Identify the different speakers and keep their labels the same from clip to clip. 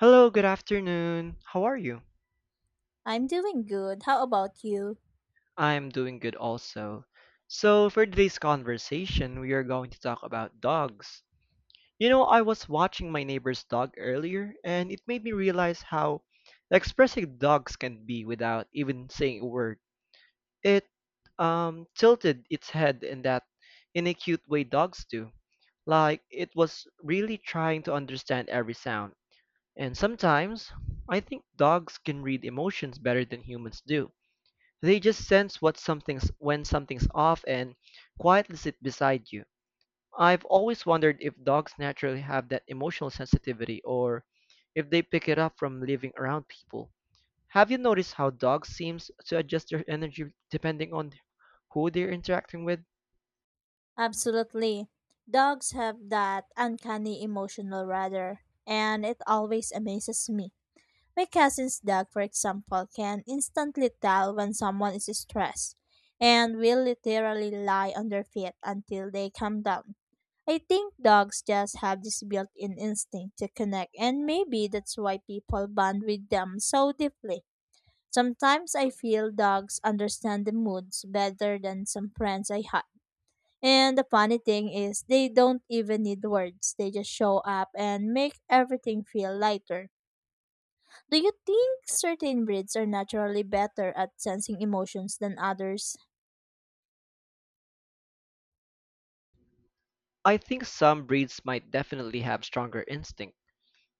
Speaker 1: Hello, good afternoon. How are you?
Speaker 2: I'm doing good. How about you?
Speaker 1: I'm doing good also. For today's conversation, we are going to talk about dogs. You know, I was watching my neighbor's dog earlier, and it made me realize how expressive dogs can be without even saying a word. It tilted its head in that in a cute way dogs do. Like it was really trying to understand every sound. And sometimes, I think dogs can read emotions better than humans do. They just sense what something's when something's off and quietly sit beside you. I've always wondered if dogs naturally have that emotional sensitivity or if they pick it up from living around people. Have you noticed how dogs seems to adjust their energy depending on who they're interacting with?
Speaker 2: Absolutely. Dogs have that uncanny emotional rather, and it always amazes me. My cousin's dog, for example, can instantly tell when someone is stressed and will literally lie on their feet until they calm down. I think dogs just have this built in instinct to connect, and maybe that's why people bond with them so deeply. Sometimes I feel dogs understand the moods better than some friends I had. And the funny thing is, they don't even need words. They just show up and make everything feel lighter. Do you think certain breeds are naturally better at sensing emotions than others?
Speaker 1: I think some breeds might definitely have stronger instinct,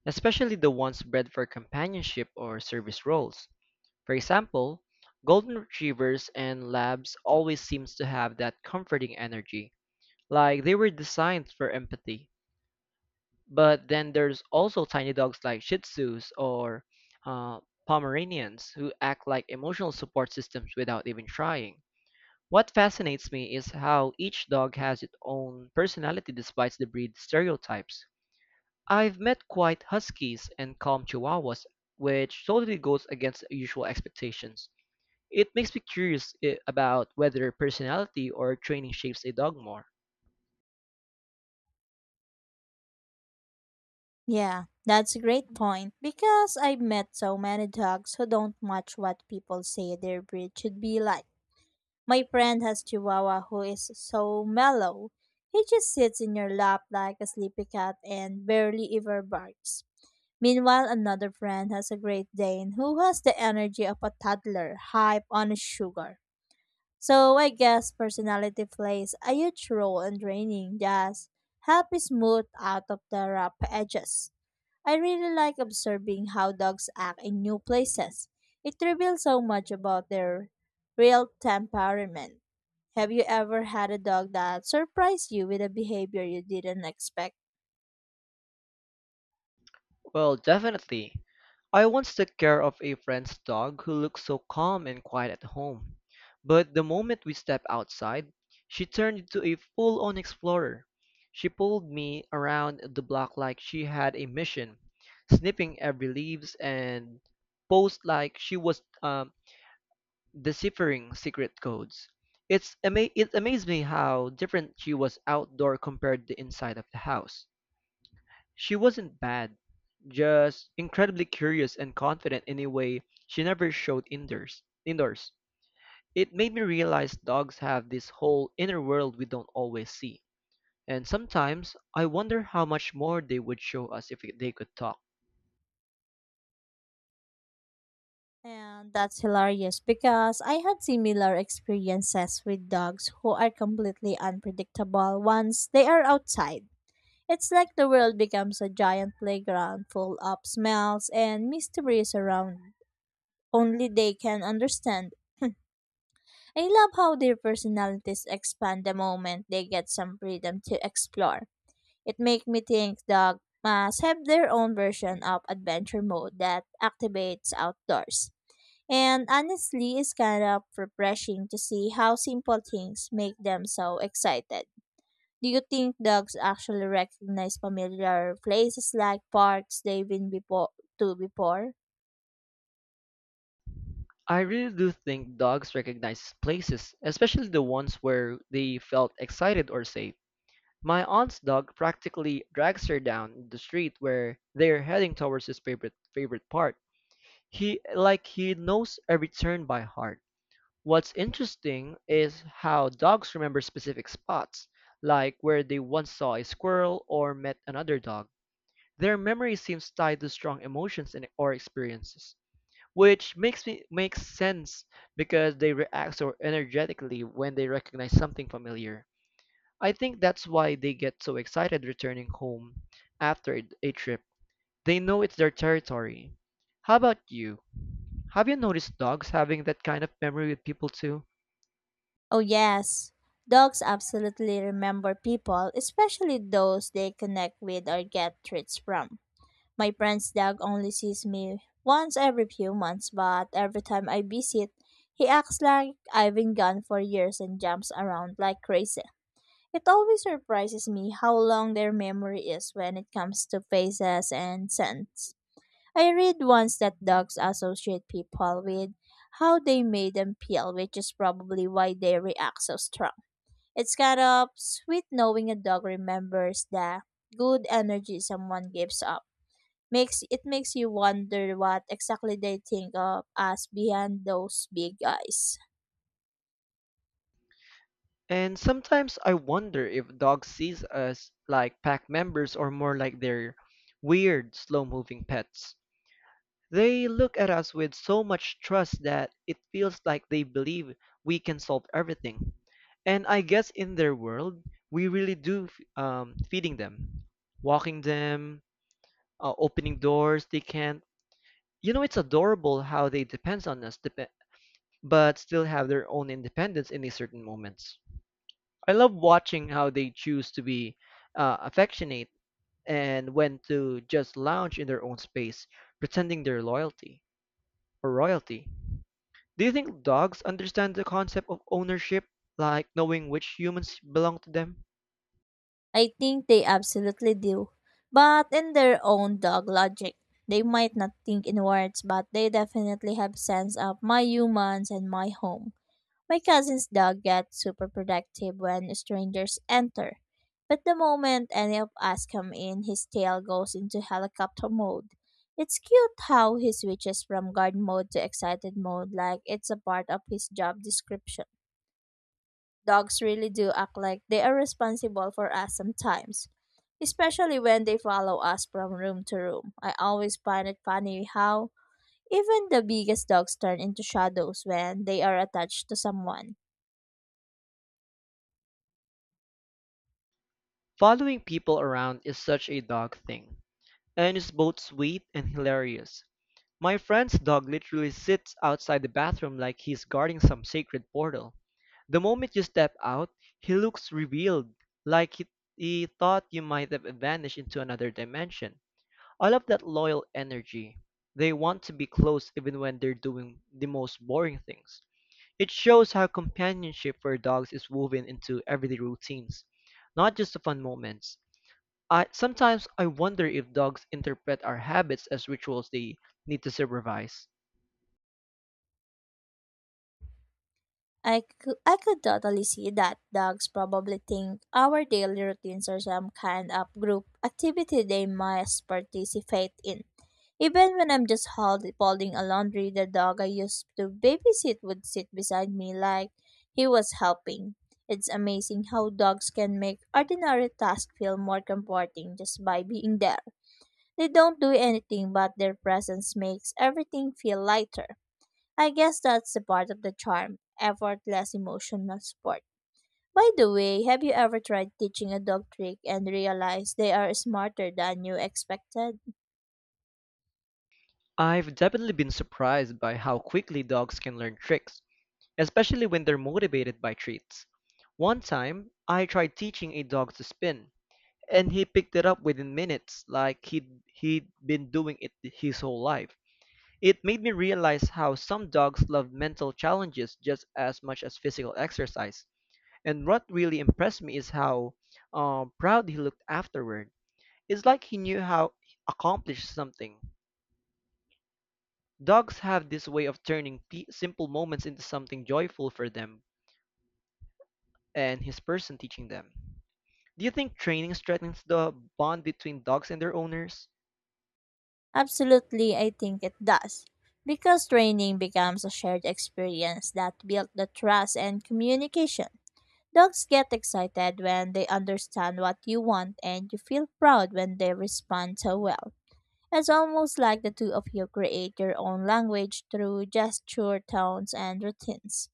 Speaker 1: especially the ones bred for companionship or service roles. For example, golden retrievers and labs always seems to have that comforting energy, like they were designed for empathy. But then there's also tiny dogs like Shih Tzus or uh, Pomeranians who act like emotional support systems without even trying. What fascinates me is how each dog has its own personality despite the breed stereotypes. I've met quiet huskies and calm chihuahuas, which totally goes against usual expectations. It makes me curious about whether personality or training shapes a dog more.
Speaker 2: Yeah, that's a great point. Because I've met so many dogs who don't match what people say their breed should be like. My friend has Chihuahua who is so mellow. He just sits in your lap like a sleepy cat and barely ever barks. Meanwhile, another friend has a Great Dane who has the energy of a toddler, hype on sugar. So I guess personality plays a huge role in draining just help smooth out of the rough edges. I really like observing how dogs act in new places. It reveals so much about their real temperament. Have you ever had a dog that surprised you with a behavior you didn't expect?
Speaker 1: Well, definitely. I once took care of a friend's dog who looked so calm and quiet at home. But the moment we stepped outside, she turned into a full on explorer. She pulled me around the block like she had a mission, snipping every leaves and posed like she was deciphering secret codes. It amazed me how different she was outdoor compared to inside of the house. She wasn't bad, just incredibly curious and confident in a way she never showed indoors. Indoors. It made me realize dogs have this whole inner world we don't always see. And sometimes I wonder how much more they would show us if they could talk.
Speaker 2: And that's hilarious because I had similar experiences with dogs who are completely unpredictable once they are outside. It's like the world becomes a giant playground full of smells and mysteries around only they can understand. I love how their personalities expand the moment they get some freedom to explore. It makes me think dogs must have their own version of adventure mode that activates outdoors. And honestly, it's kind of refreshing to see how simple things make them so excited. Do you think dogs actually recognize familiar places like parks they've been before to before?
Speaker 1: I really do think dogs recognize places, especially the ones where they felt excited or safe. My aunt's dog practically drags her down the street where they're heading towards his favorite part. He knows every turn by heart. What's interesting is how dogs remember specific spots, like where they once saw a squirrel or met another dog. Their memory seems tied to strong emotions and or experiences, which makes sense because they react so energetically when they recognize something familiar. I think that's why they get so excited returning home after a trip. They know it's their territory. How about you? Have you noticed dogs having that kind of memory with people too?
Speaker 2: Oh, yes. Dogs absolutely remember people, especially those they connect with or get treats from. My friend's dog only sees me once every few months, but every time I visit, he acts like I've been gone for years and jumps around like crazy. It always surprises me how long their memory is when it comes to faces and scents. I read once that dogs associate people with how they made them feel, which is probably why they react so strong. It's kind of sweet knowing a dog remembers the good energy someone gives up. Makes it makes you wonder what exactly they think of us behind those big eyes.
Speaker 1: And sometimes I wonder if dogs sees us like pack members or more like their weird, slow moving pets. They look at us with so much trust that it feels like they believe we can solve everything. And I guess in their world, we really do feeding them, walking them, opening doors they can't. You know, it's adorable how they depends on us, dep but still have their own independence in these certain moments. I love watching how they choose to be affectionate and when to just lounge in their own space, pretending their loyalty or royalty. Do you think dogs understand the concept of ownership, like knowing which humans belong to them?
Speaker 2: I think they absolutely do. But in their own dog logic. They might not think in words, but they definitely have sense of my humans and my home. My cousin's dog gets super protective when strangers enter, but the moment any of us come in, his tail goes into helicopter mode. It's cute how he switches from guard mode to excited mode like it's a part of his job description. Dogs really do act like they are responsible for us sometimes, especially when they follow us from room to room. I always find it funny how even the biggest dogs turn into shadows when they are attached to someone.
Speaker 1: Following people around is such a dog thing, and it's both sweet and hilarious. My friend's dog literally sits outside the bathroom like he's guarding some sacred portal. The moment you step out, he looks revealed, like he thought you might have vanished into another dimension. I love that loyal energy. They want to be close even when they're doing the most boring things. It shows how companionship for dogs is woven into everyday routines, not just the fun moments. I sometimes I wonder if dogs interpret our habits as rituals they need to supervise.
Speaker 2: I could totally see that dogs probably think our daily routines are some kind of group activity they must participate in. Even when I'm just folding a laundry, the dog I used to babysit would sit beside me like he was helping. It's amazing how dogs can make ordinary tasks feel more comforting just by being there. They don't do anything, but their presence makes everything feel lighter. I guess that's the part of the charm, effortless emotional support. By the way, have you ever tried teaching a dog trick and realized they are smarter than you expected?
Speaker 1: I've definitely been surprised by how quickly dogs can learn tricks, especially when they're motivated by treats. One time, I tried teaching a dog to spin, and he picked it up within minutes like he'd been doing it his whole life. It made me realize how some dogs love mental challenges just as much as physical exercise. And what really impressed me is how proud he looked afterward. It's like he knew how accomplished something. Dogs have this way of turning p simple moments into something joyful for them and his person teaching them. Do you think training strengthens the bond between dogs and their owners?
Speaker 2: Absolutely, I think it does. Because training becomes a shared experience that builds the trust and communication. Dogs get excited when they understand what you want, and you feel proud when they respond so well. It's almost like the two of you create your own language through gesture, tones, and routines.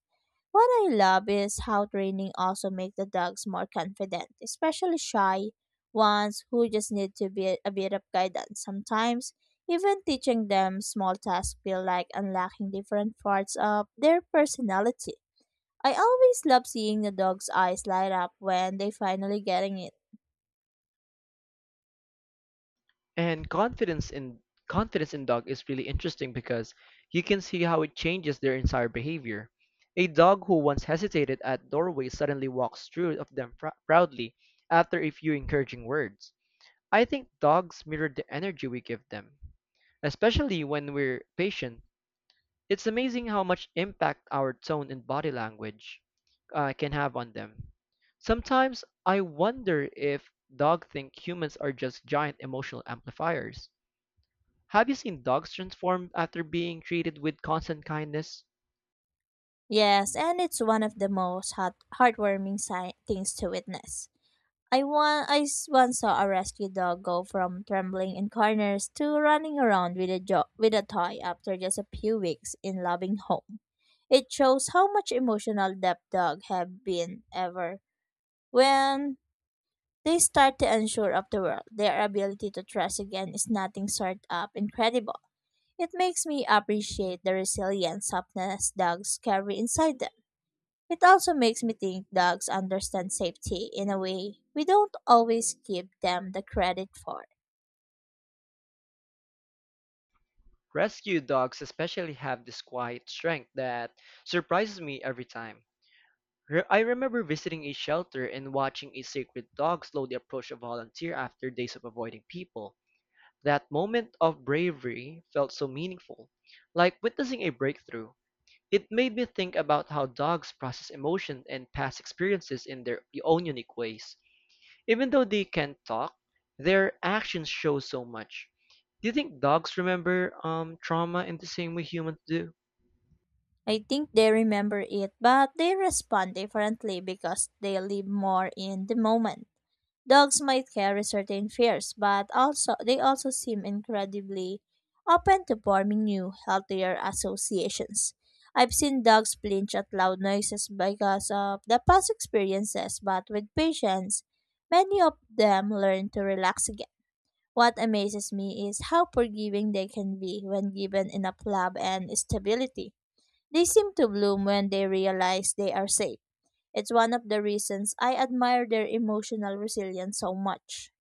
Speaker 2: What I love is how training also makes the dogs more confident, especially shy ones who just need to be a bit of guidance sometimes. Even teaching them small tasks feel like unlocking different parts of their personality. I always love seeing the dog's eyes light up when they finally getting it.
Speaker 1: And confidence in dog is really interesting because you can see how it changes their entire behavior. A dog who once hesitated at doorway suddenly walks through of them proudly after a few encouraging words. I think dogs mirror the energy we give them, especially when we're patient. It's amazing how much impact our tone and body language can have on them. Sometimes I wonder if dogs think humans are just giant emotional amplifiers. Have you seen dogs transform after being treated with constant kindness?
Speaker 2: Yes, and it's one of the most heartwarming things to witness. I want I s- once saw a rescue dog go from trembling in corners to running around with with a toy after just a few weeks in loving home. It shows how much emotional depth dog have been ever when they start to unsure of the world. Their ability to trust again is nothing short of incredible. It makes me appreciate the resilient softness dogs carry inside them. It also makes me think dogs understand safety in a way we don't always give them the credit for.
Speaker 1: Rescue dogs especially have this quiet strength that surprises me every time. I remember visiting a shelter and watching a sacred dog slowly approach a volunteer after days of avoiding people. That moment of bravery felt so meaningful, like witnessing a breakthrough. It made me think about how dogs process emotion and past experiences in their own unique ways. Even though they can't talk, their actions show so much. Do you think dogs remember trauma in the same way humans do?
Speaker 2: I think they remember it, but they respond differently because they live more in the moment. Dogs might carry certain fears, but also they also seem incredibly open to forming new, healthier associations. I've seen dogs flinch at loud noises because of the past experiences, but with patience, many of them learn to relax again. What amazes me is how forgiving they can be when given enough love and stability. They seem to bloom when they realize they are safe. It's one of the reasons I admire their emotional resilience so much.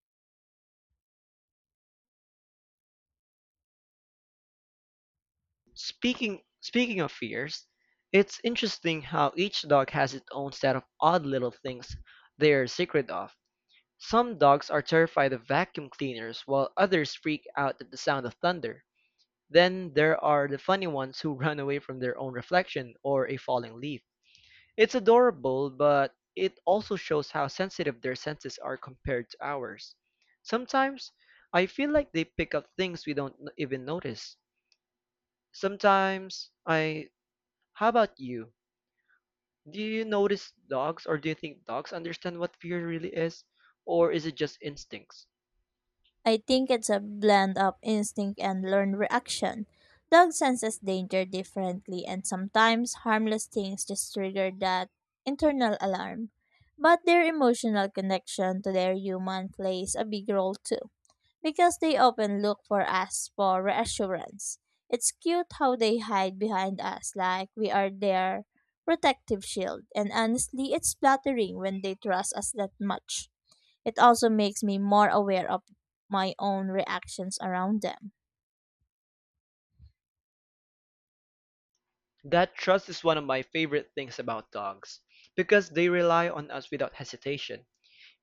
Speaker 1: Speaking of fears, it's interesting how each dog has its own set of odd little things they're secret of. Some dogs are terrified of vacuum cleaners while others freak out at the sound of thunder. Then there are the funny ones who run away from their own reflection or a falling leaf. It's adorable, but it also shows how sensitive their senses are compared to ours. Sometimes I feel like they pick up things we don't even notice. Sometimes I. How about you? Do you notice dogs or do you think dogs understand what fear really is? Or is it just instincts?
Speaker 2: I think it's a blend of instinct and learned reaction. Dog senses danger differently, and sometimes harmless things just trigger that internal alarm. But their emotional connection to their human plays a big role too because they often look for us for reassurance. It's cute how they hide behind us like we are their protective shield, and honestly, it's flattering when they trust us that much. It also makes me more aware of my own reactions around them.
Speaker 1: That trust is one of my favorite things about dogs because they rely on us without hesitation.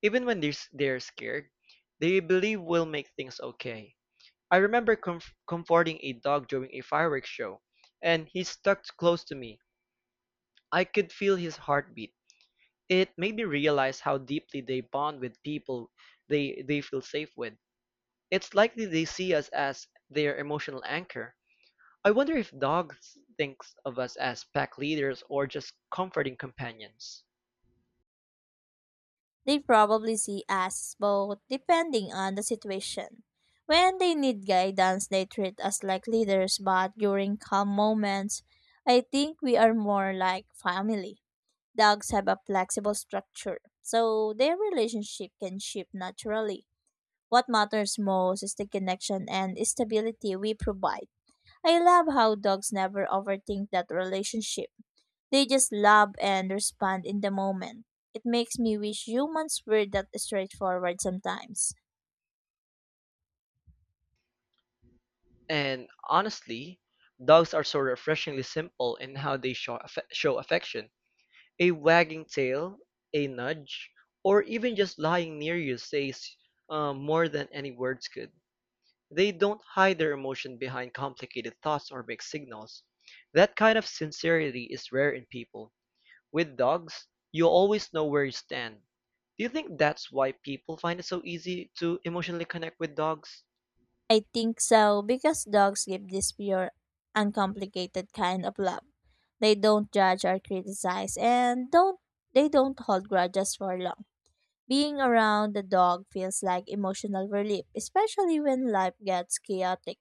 Speaker 1: Even when they're scared, they believe we'll make things okay. I remember comforting a dog during a fireworks show, and he stuck close to me. I could feel his heartbeat. It made me realize how deeply they bond with people they feel safe with. It's likely they see us as their emotional anchor. I wonder if dogs thinks of us as pack leaders or just comforting companions.
Speaker 2: They probably see us both depending on the situation. When they need guidance, they treat us like leaders, but during calm moments, I think we are more like family. Dogs have a flexible structure, so their relationship can shift naturally. What matters most is the connection and stability we provide. I love how dogs never overthink that relationship. They just love and respond in the moment. It makes me wish humans were that straightforward sometimes.
Speaker 1: And honestly, dogs are so refreshingly simple in how they show affection. A wagging tail, a nudge, or even just lying near you says more than any words could. They don't hide their emotion behind complicated thoughts or big signals. That kind of sincerity is rare in people. With dogs, you always know where you stand. Do you think that's why people find it so easy to emotionally connect with dogs?
Speaker 2: I think so because dogs give this pure, uncomplicated kind of love. They don't judge or criticize and don't they don't hold grudges for long. Being around the dog feels like emotional relief, especially when life gets chaotic.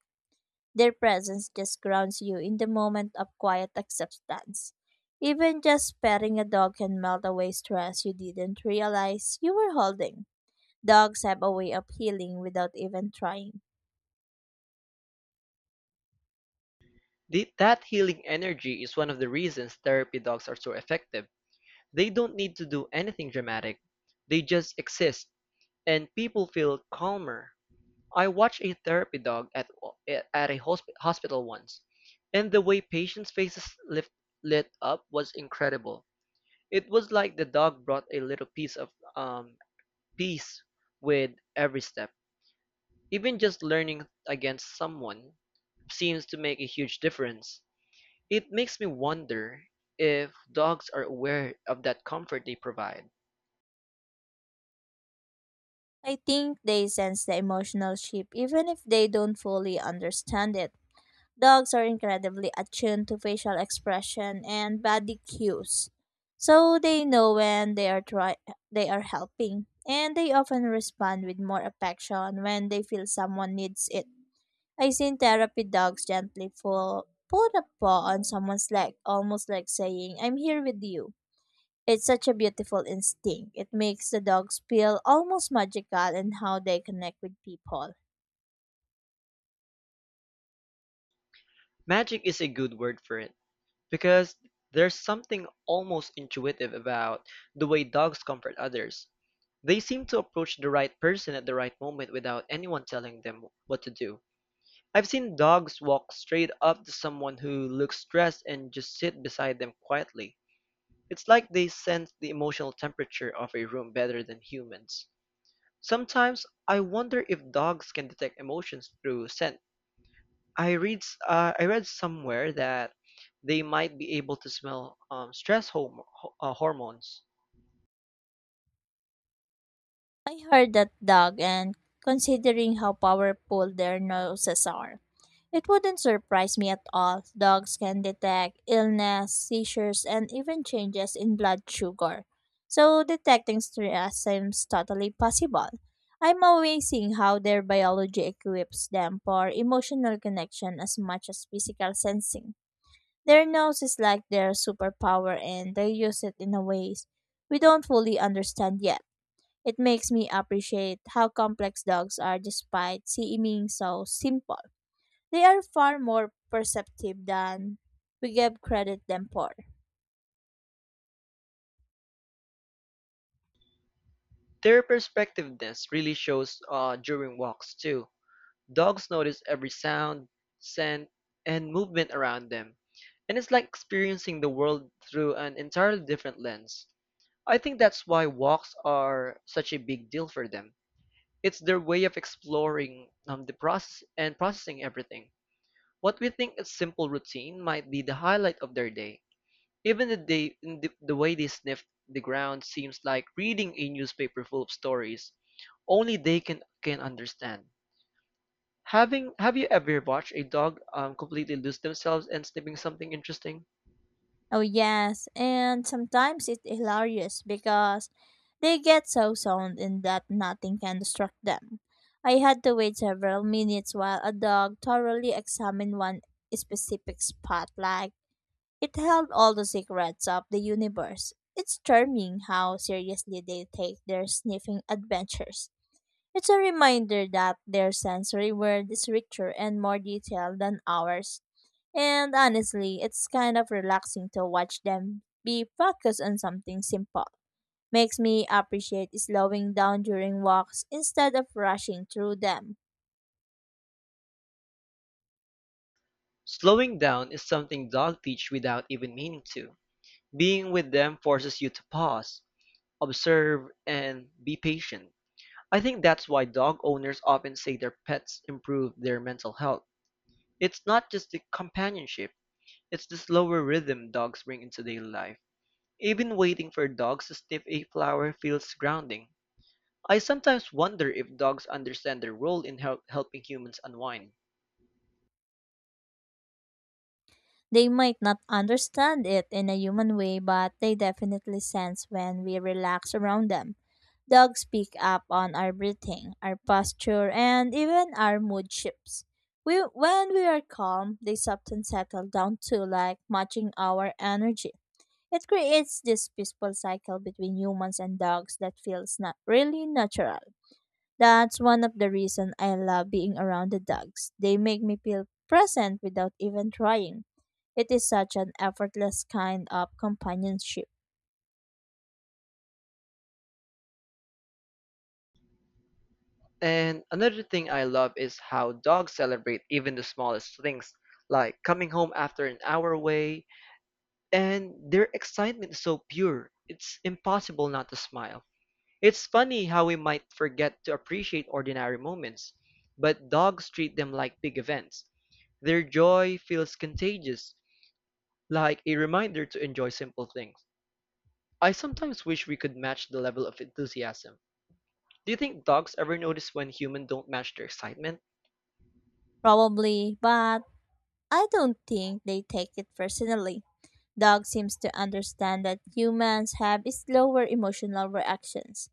Speaker 2: Their presence just grounds you in the moment of quiet acceptance. Even just petting a dog can melt away stress you didn't realize you were holding. Dogs have a way of healing without even trying.
Speaker 1: That healing energy is one of the reasons therapy dogs are so effective. They don't need to do anything dramatic, they just exist, and people feel calmer. I watched a therapy dog at a hospital once, and the way patients' faces lift, lit up was incredible. It was like the dog brought a little piece of um, peace with every step. Even just learning against someone seems to make a huge difference. It makes me wonder if dogs are aware of that comfort they provide.
Speaker 2: I think they sense the emotional shift even if they don't fully understand it. Dogs are incredibly attuned to facial expression and body cues. So they know when they are helping and they often respond with more affection when they feel someone needs it. I've seen therapy dogs gently pull a paw on someone's leg, almost like saying, I'm here with you. It's such a beautiful instinct. It makes the dogs feel almost magical in how they connect with people.
Speaker 1: Magic is a good word for it because there's something almost intuitive about the way dogs comfort others. They seem to approach the right person at the right moment without anyone telling them what to do. I've seen dogs walk straight up to someone who looks stressed and just sit beside them quietly. It's like they sense the emotional temperature of a room better than humans. Sometimes I wonder if dogs can detect emotions through scent. I read somewhere that they might be able to smell stress hormones.
Speaker 2: I heard that dog, and considering how powerful their noses are, it wouldn't surprise me at all. Dogs can detect illness, seizures, and even changes in blood sugar. So, detecting stress seems totally possible. I'm amazing how their biology equips them for emotional connection as much as physical sensing. Their nose is like their superpower, and they use it in a ways we don't fully understand yet. It makes me appreciate how complex dogs are despite seeming so simple. They are far more perceptive than we give credit them for.
Speaker 1: Their perceptiveness really shows during walks too. Dogs notice every sound, scent, and movement around them, and it's like experiencing the world through an entirely different lens. I think that's why walks are such a big deal for them. It's their way of exploring the process and processing everything. What we think is simple routine might be the highlight of their day. Even the way they sniff the ground seems like reading a newspaper full of stories only can understand. Having have you ever watched a dog completely lose themselves and sniffing something interesting?
Speaker 2: Oh yes, and sometimes it's hilarious because they get so sound in that nothing can distract them. I had to wait several minutes while a dog thoroughly examined one specific spot like it held all the secrets of the universe. It's charming how seriously they take their sniffing adventures. It's a reminder that their sensory world is richer and more detailed than ours. And honestly, it's kind of relaxing to watch them be focused on something simple. Makes me appreciate slowing down during walks instead of rushing through them.
Speaker 1: Slowing down is something dogs teach without even meaning to. Being with them forces you to pause, observe, and be patient. I think that's why dog owners often say their pets improve their mental health. It's not just the companionship, it's the slower rhythm dogs bring into daily life. Even waiting for dogs to sniff a flower feels grounding. I sometimes wonder if dogs understand their role in helping humans unwind.
Speaker 2: They might not understand it in a human way, but they definitely sense when we relax around them. Dogs pick up on our breathing, our posture, and even our mood shifts. When we are calm, they often settle down too, like matching our energy. It creates this peaceful cycle between humans and dogs that feels not really natural. That's one of the reasons I love being around the dogs. They make me feel present without even trying. It is such an effortless kind of companionship.
Speaker 1: And another thing I love is how dogs celebrate even the smallest things, like coming home after an hour away, and their excitement is so pure, it's impossible not to smile. It's funny how we might forget to appreciate ordinary moments, but dogs treat them like big events. Their joy feels contagious, like a reminder to enjoy simple things. I sometimes wish we could match the level of enthusiasm. Do you think dogs ever notice when humans don't match their excitement?
Speaker 2: Probably, but I don't think they take it personally. Dog seems to understand that humans have slower emotional reactions.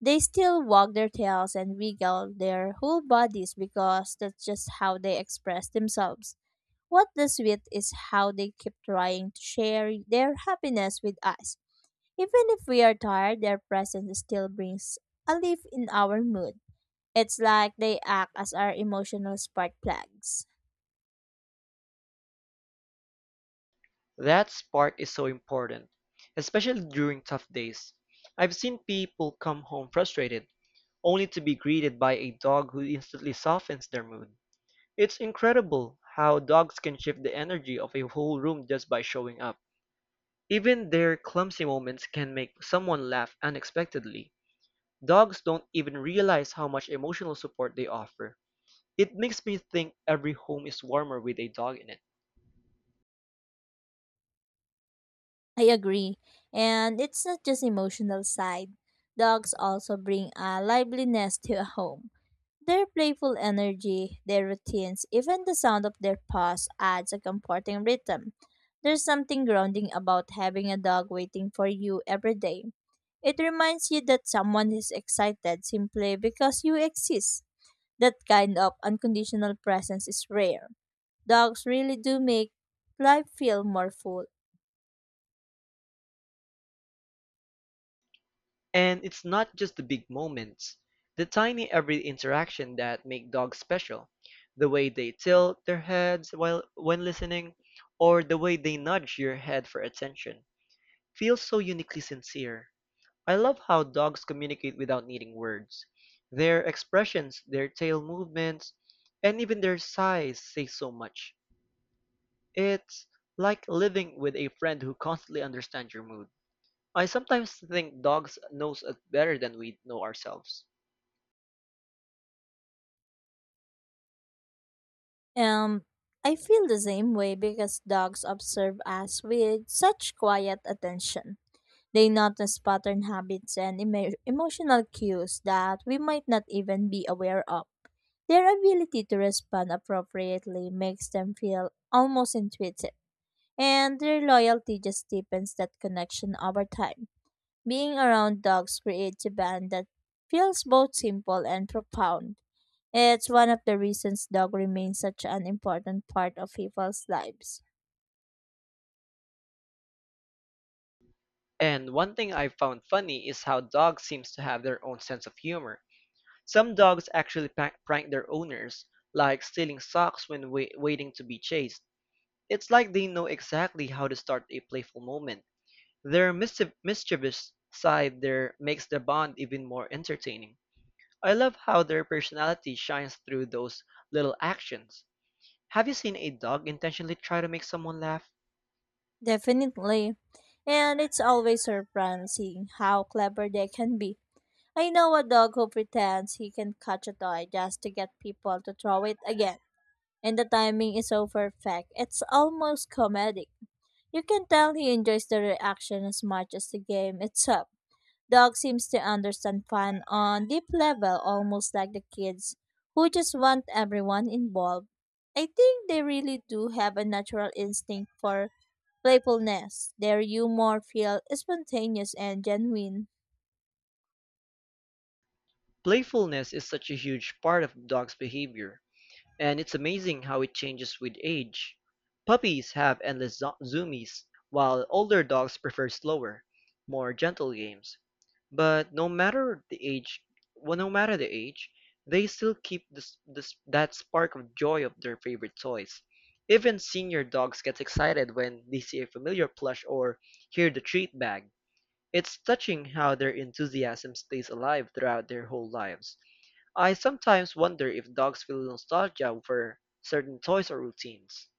Speaker 2: They still wag their tails and wiggle their whole bodies because that's just how they express themselves. What does with is how they keep trying to share their happiness with us. Even if we are tired, their presence still brings a lift in our mood. It's like they act as our emotional spark plugs.
Speaker 1: That spark is so important, especially during tough days. I've seen people come home frustrated only to be greeted by a dog who instantly softens their mood. It's incredible how dogs can shift the energy of a whole room just by showing up. Even their clumsy moments can make someone laugh unexpectedly. Dogs don't even realize how much emotional support they offer. It makes me think every home is warmer with a dog in it.
Speaker 2: I agree. And it's not just emotional side. Dogs also bring a liveliness to a home. Their playful energy, their routines, even the sound of their paws adds a comforting rhythm. There's something grounding about having a dog waiting for you every day. It reminds you that someone is excited simply because you exist. That kind of unconditional presence is rare. Dogs really do make life feel more full.
Speaker 1: And it's not just the big moments, the tiny every interaction that make dogs special. The way they tilt their heads while when listening, or the way they nudge your head for attention, feels so uniquely sincere. I love how dogs communicate without needing words. Their expressions, their tail movements, and even their sighs say so much. It's like living with a friend who constantly understands your mood. I sometimes think dogs knows us better than we know ourselves.
Speaker 2: Um, I feel the same way because dogs observe us with such quiet attention. They notice pattern habits and emotional cues that we might not even be aware of. Their ability to respond appropriately makes them feel almost intuitive, and their loyalty just deepens that connection over time. Being around dogs creates a bond that feels both simple and profound. It's one of the reasons dog remains such an important part of people's lives.
Speaker 1: And one thing I found funny is how dogs seems to have their own sense of humor. Some dogs actually prank their owners, like stealing socks when waiting to be chased. It's like they know exactly how to start a playful moment. Their mischievous side there makes the bond even more entertaining. I love how their personality shines through those little actions. Have you seen a dog intentionally try to make someone laugh?
Speaker 2: Definitely. And it's always surprising how clever they can be. I know a dog who pretends he can catch a toy just to get people to throw it again. And the timing is so perfect. It's almost comedic. You can tell he enjoys the reaction as much as the game itself. Dog seems to understand fun on deep level almost like the kids who just want everyone involved. I think they really do have a natural instinct for playfulness. Their humor feels spontaneous and genuine.
Speaker 1: Playfulness is such a huge part of the dog's behavior, and it's amazing how it changes with age. Puppies have endless zoomies, while older dogs prefer slower, more gentle games. But no matter the age, well, No matter the age, they still keep that spark of joy of their favorite toys. Even senior dogs get excited when they see a familiar plush or hear the treat bag. It's touching how their enthusiasm stays alive throughout their whole lives. I sometimes wonder if dogs feel nostalgia for certain toys or routines.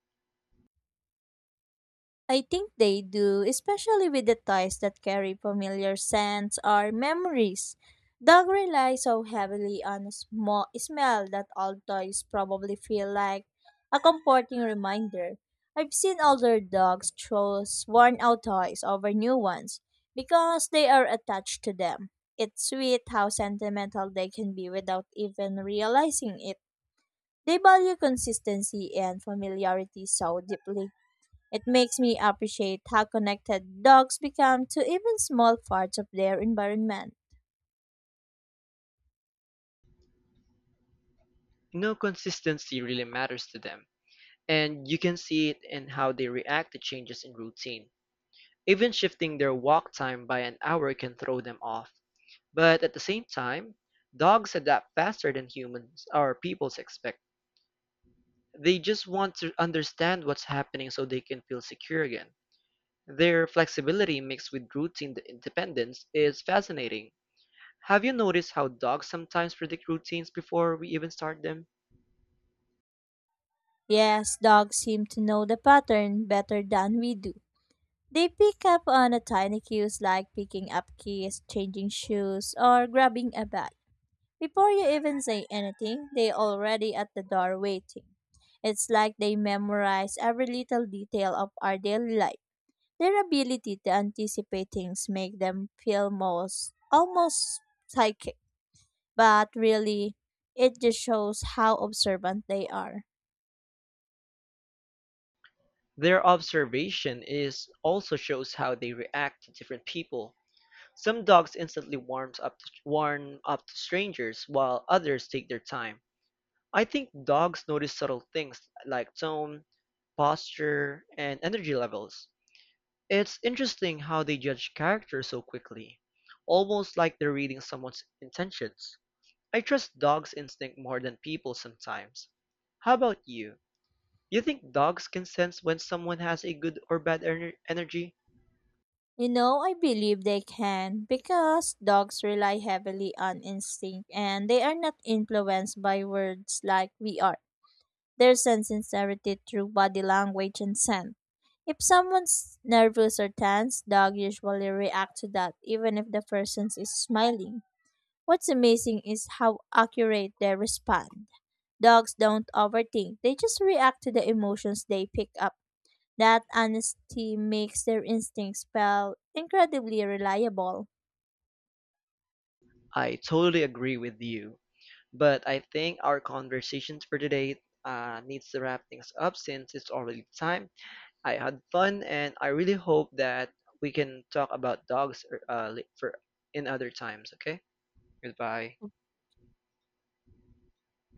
Speaker 2: I think they do, especially with the toys that carry familiar scents or memories. Dog rely so heavily on a small smell that all toys probably feel like a comforting reminder. I've seen older dogs choose worn out toys over new ones because they are attached to them. It's sweet how sentimental they can be without even realizing it. They value consistency and familiarity so deeply. It makes me appreciate how connected dogs become to even small parts of their environment.
Speaker 1: No, consistency really matters to them, and you can see it in how they react to changes in routine. Even shifting their walk time by an hour can throw them off. But at the same time, dogs adapt faster than humans or people's expect. They just want to understand what's happening so they can feel secure again. Their flexibility mixed with routine independence is fascinating. Have you noticed how dogs sometimes predict routines before we even start them?
Speaker 2: Yes, dogs seem to know the pattern better than we do. They pick up on a tiny cues like picking up keys, changing shoes, or grabbing a bag. Before you even say anything, they already at the door waiting. It's like they memorize every little detail of our daily life. Their ability to anticipate things make them feel most almost psychic. But really, it just shows how observant they are.
Speaker 1: Their observation is also shows how they react to different people. Some dogs instantly warm up to strangers, while others take their time. I think dogs notice subtle things like tone, posture, and energy levels. It's interesting how they judge character so quickly, almost like they're reading someone's intentions. I trust dogs' instinct more than people sometimes. How about you? You think dogs can sense when someone has a good or bad energy?
Speaker 2: You know, I believe they can because dogs rely heavily on instinct and they are not influenced by words like we are. They sense sincerity through body language and scent. If someone's nervous or tense, dog usually react to that even if the person is smiling. What's amazing is how accurate they respond. Dogs don't overthink. They just react to the emotions they pick up. That honesty makes their instincts feel incredibly reliable.
Speaker 1: I totally agree with you. But I think our conversations for today needs to wrap things up since it's already time. I had fun and I really hope that we can talk about dogs for in other times, okay? Goodbye.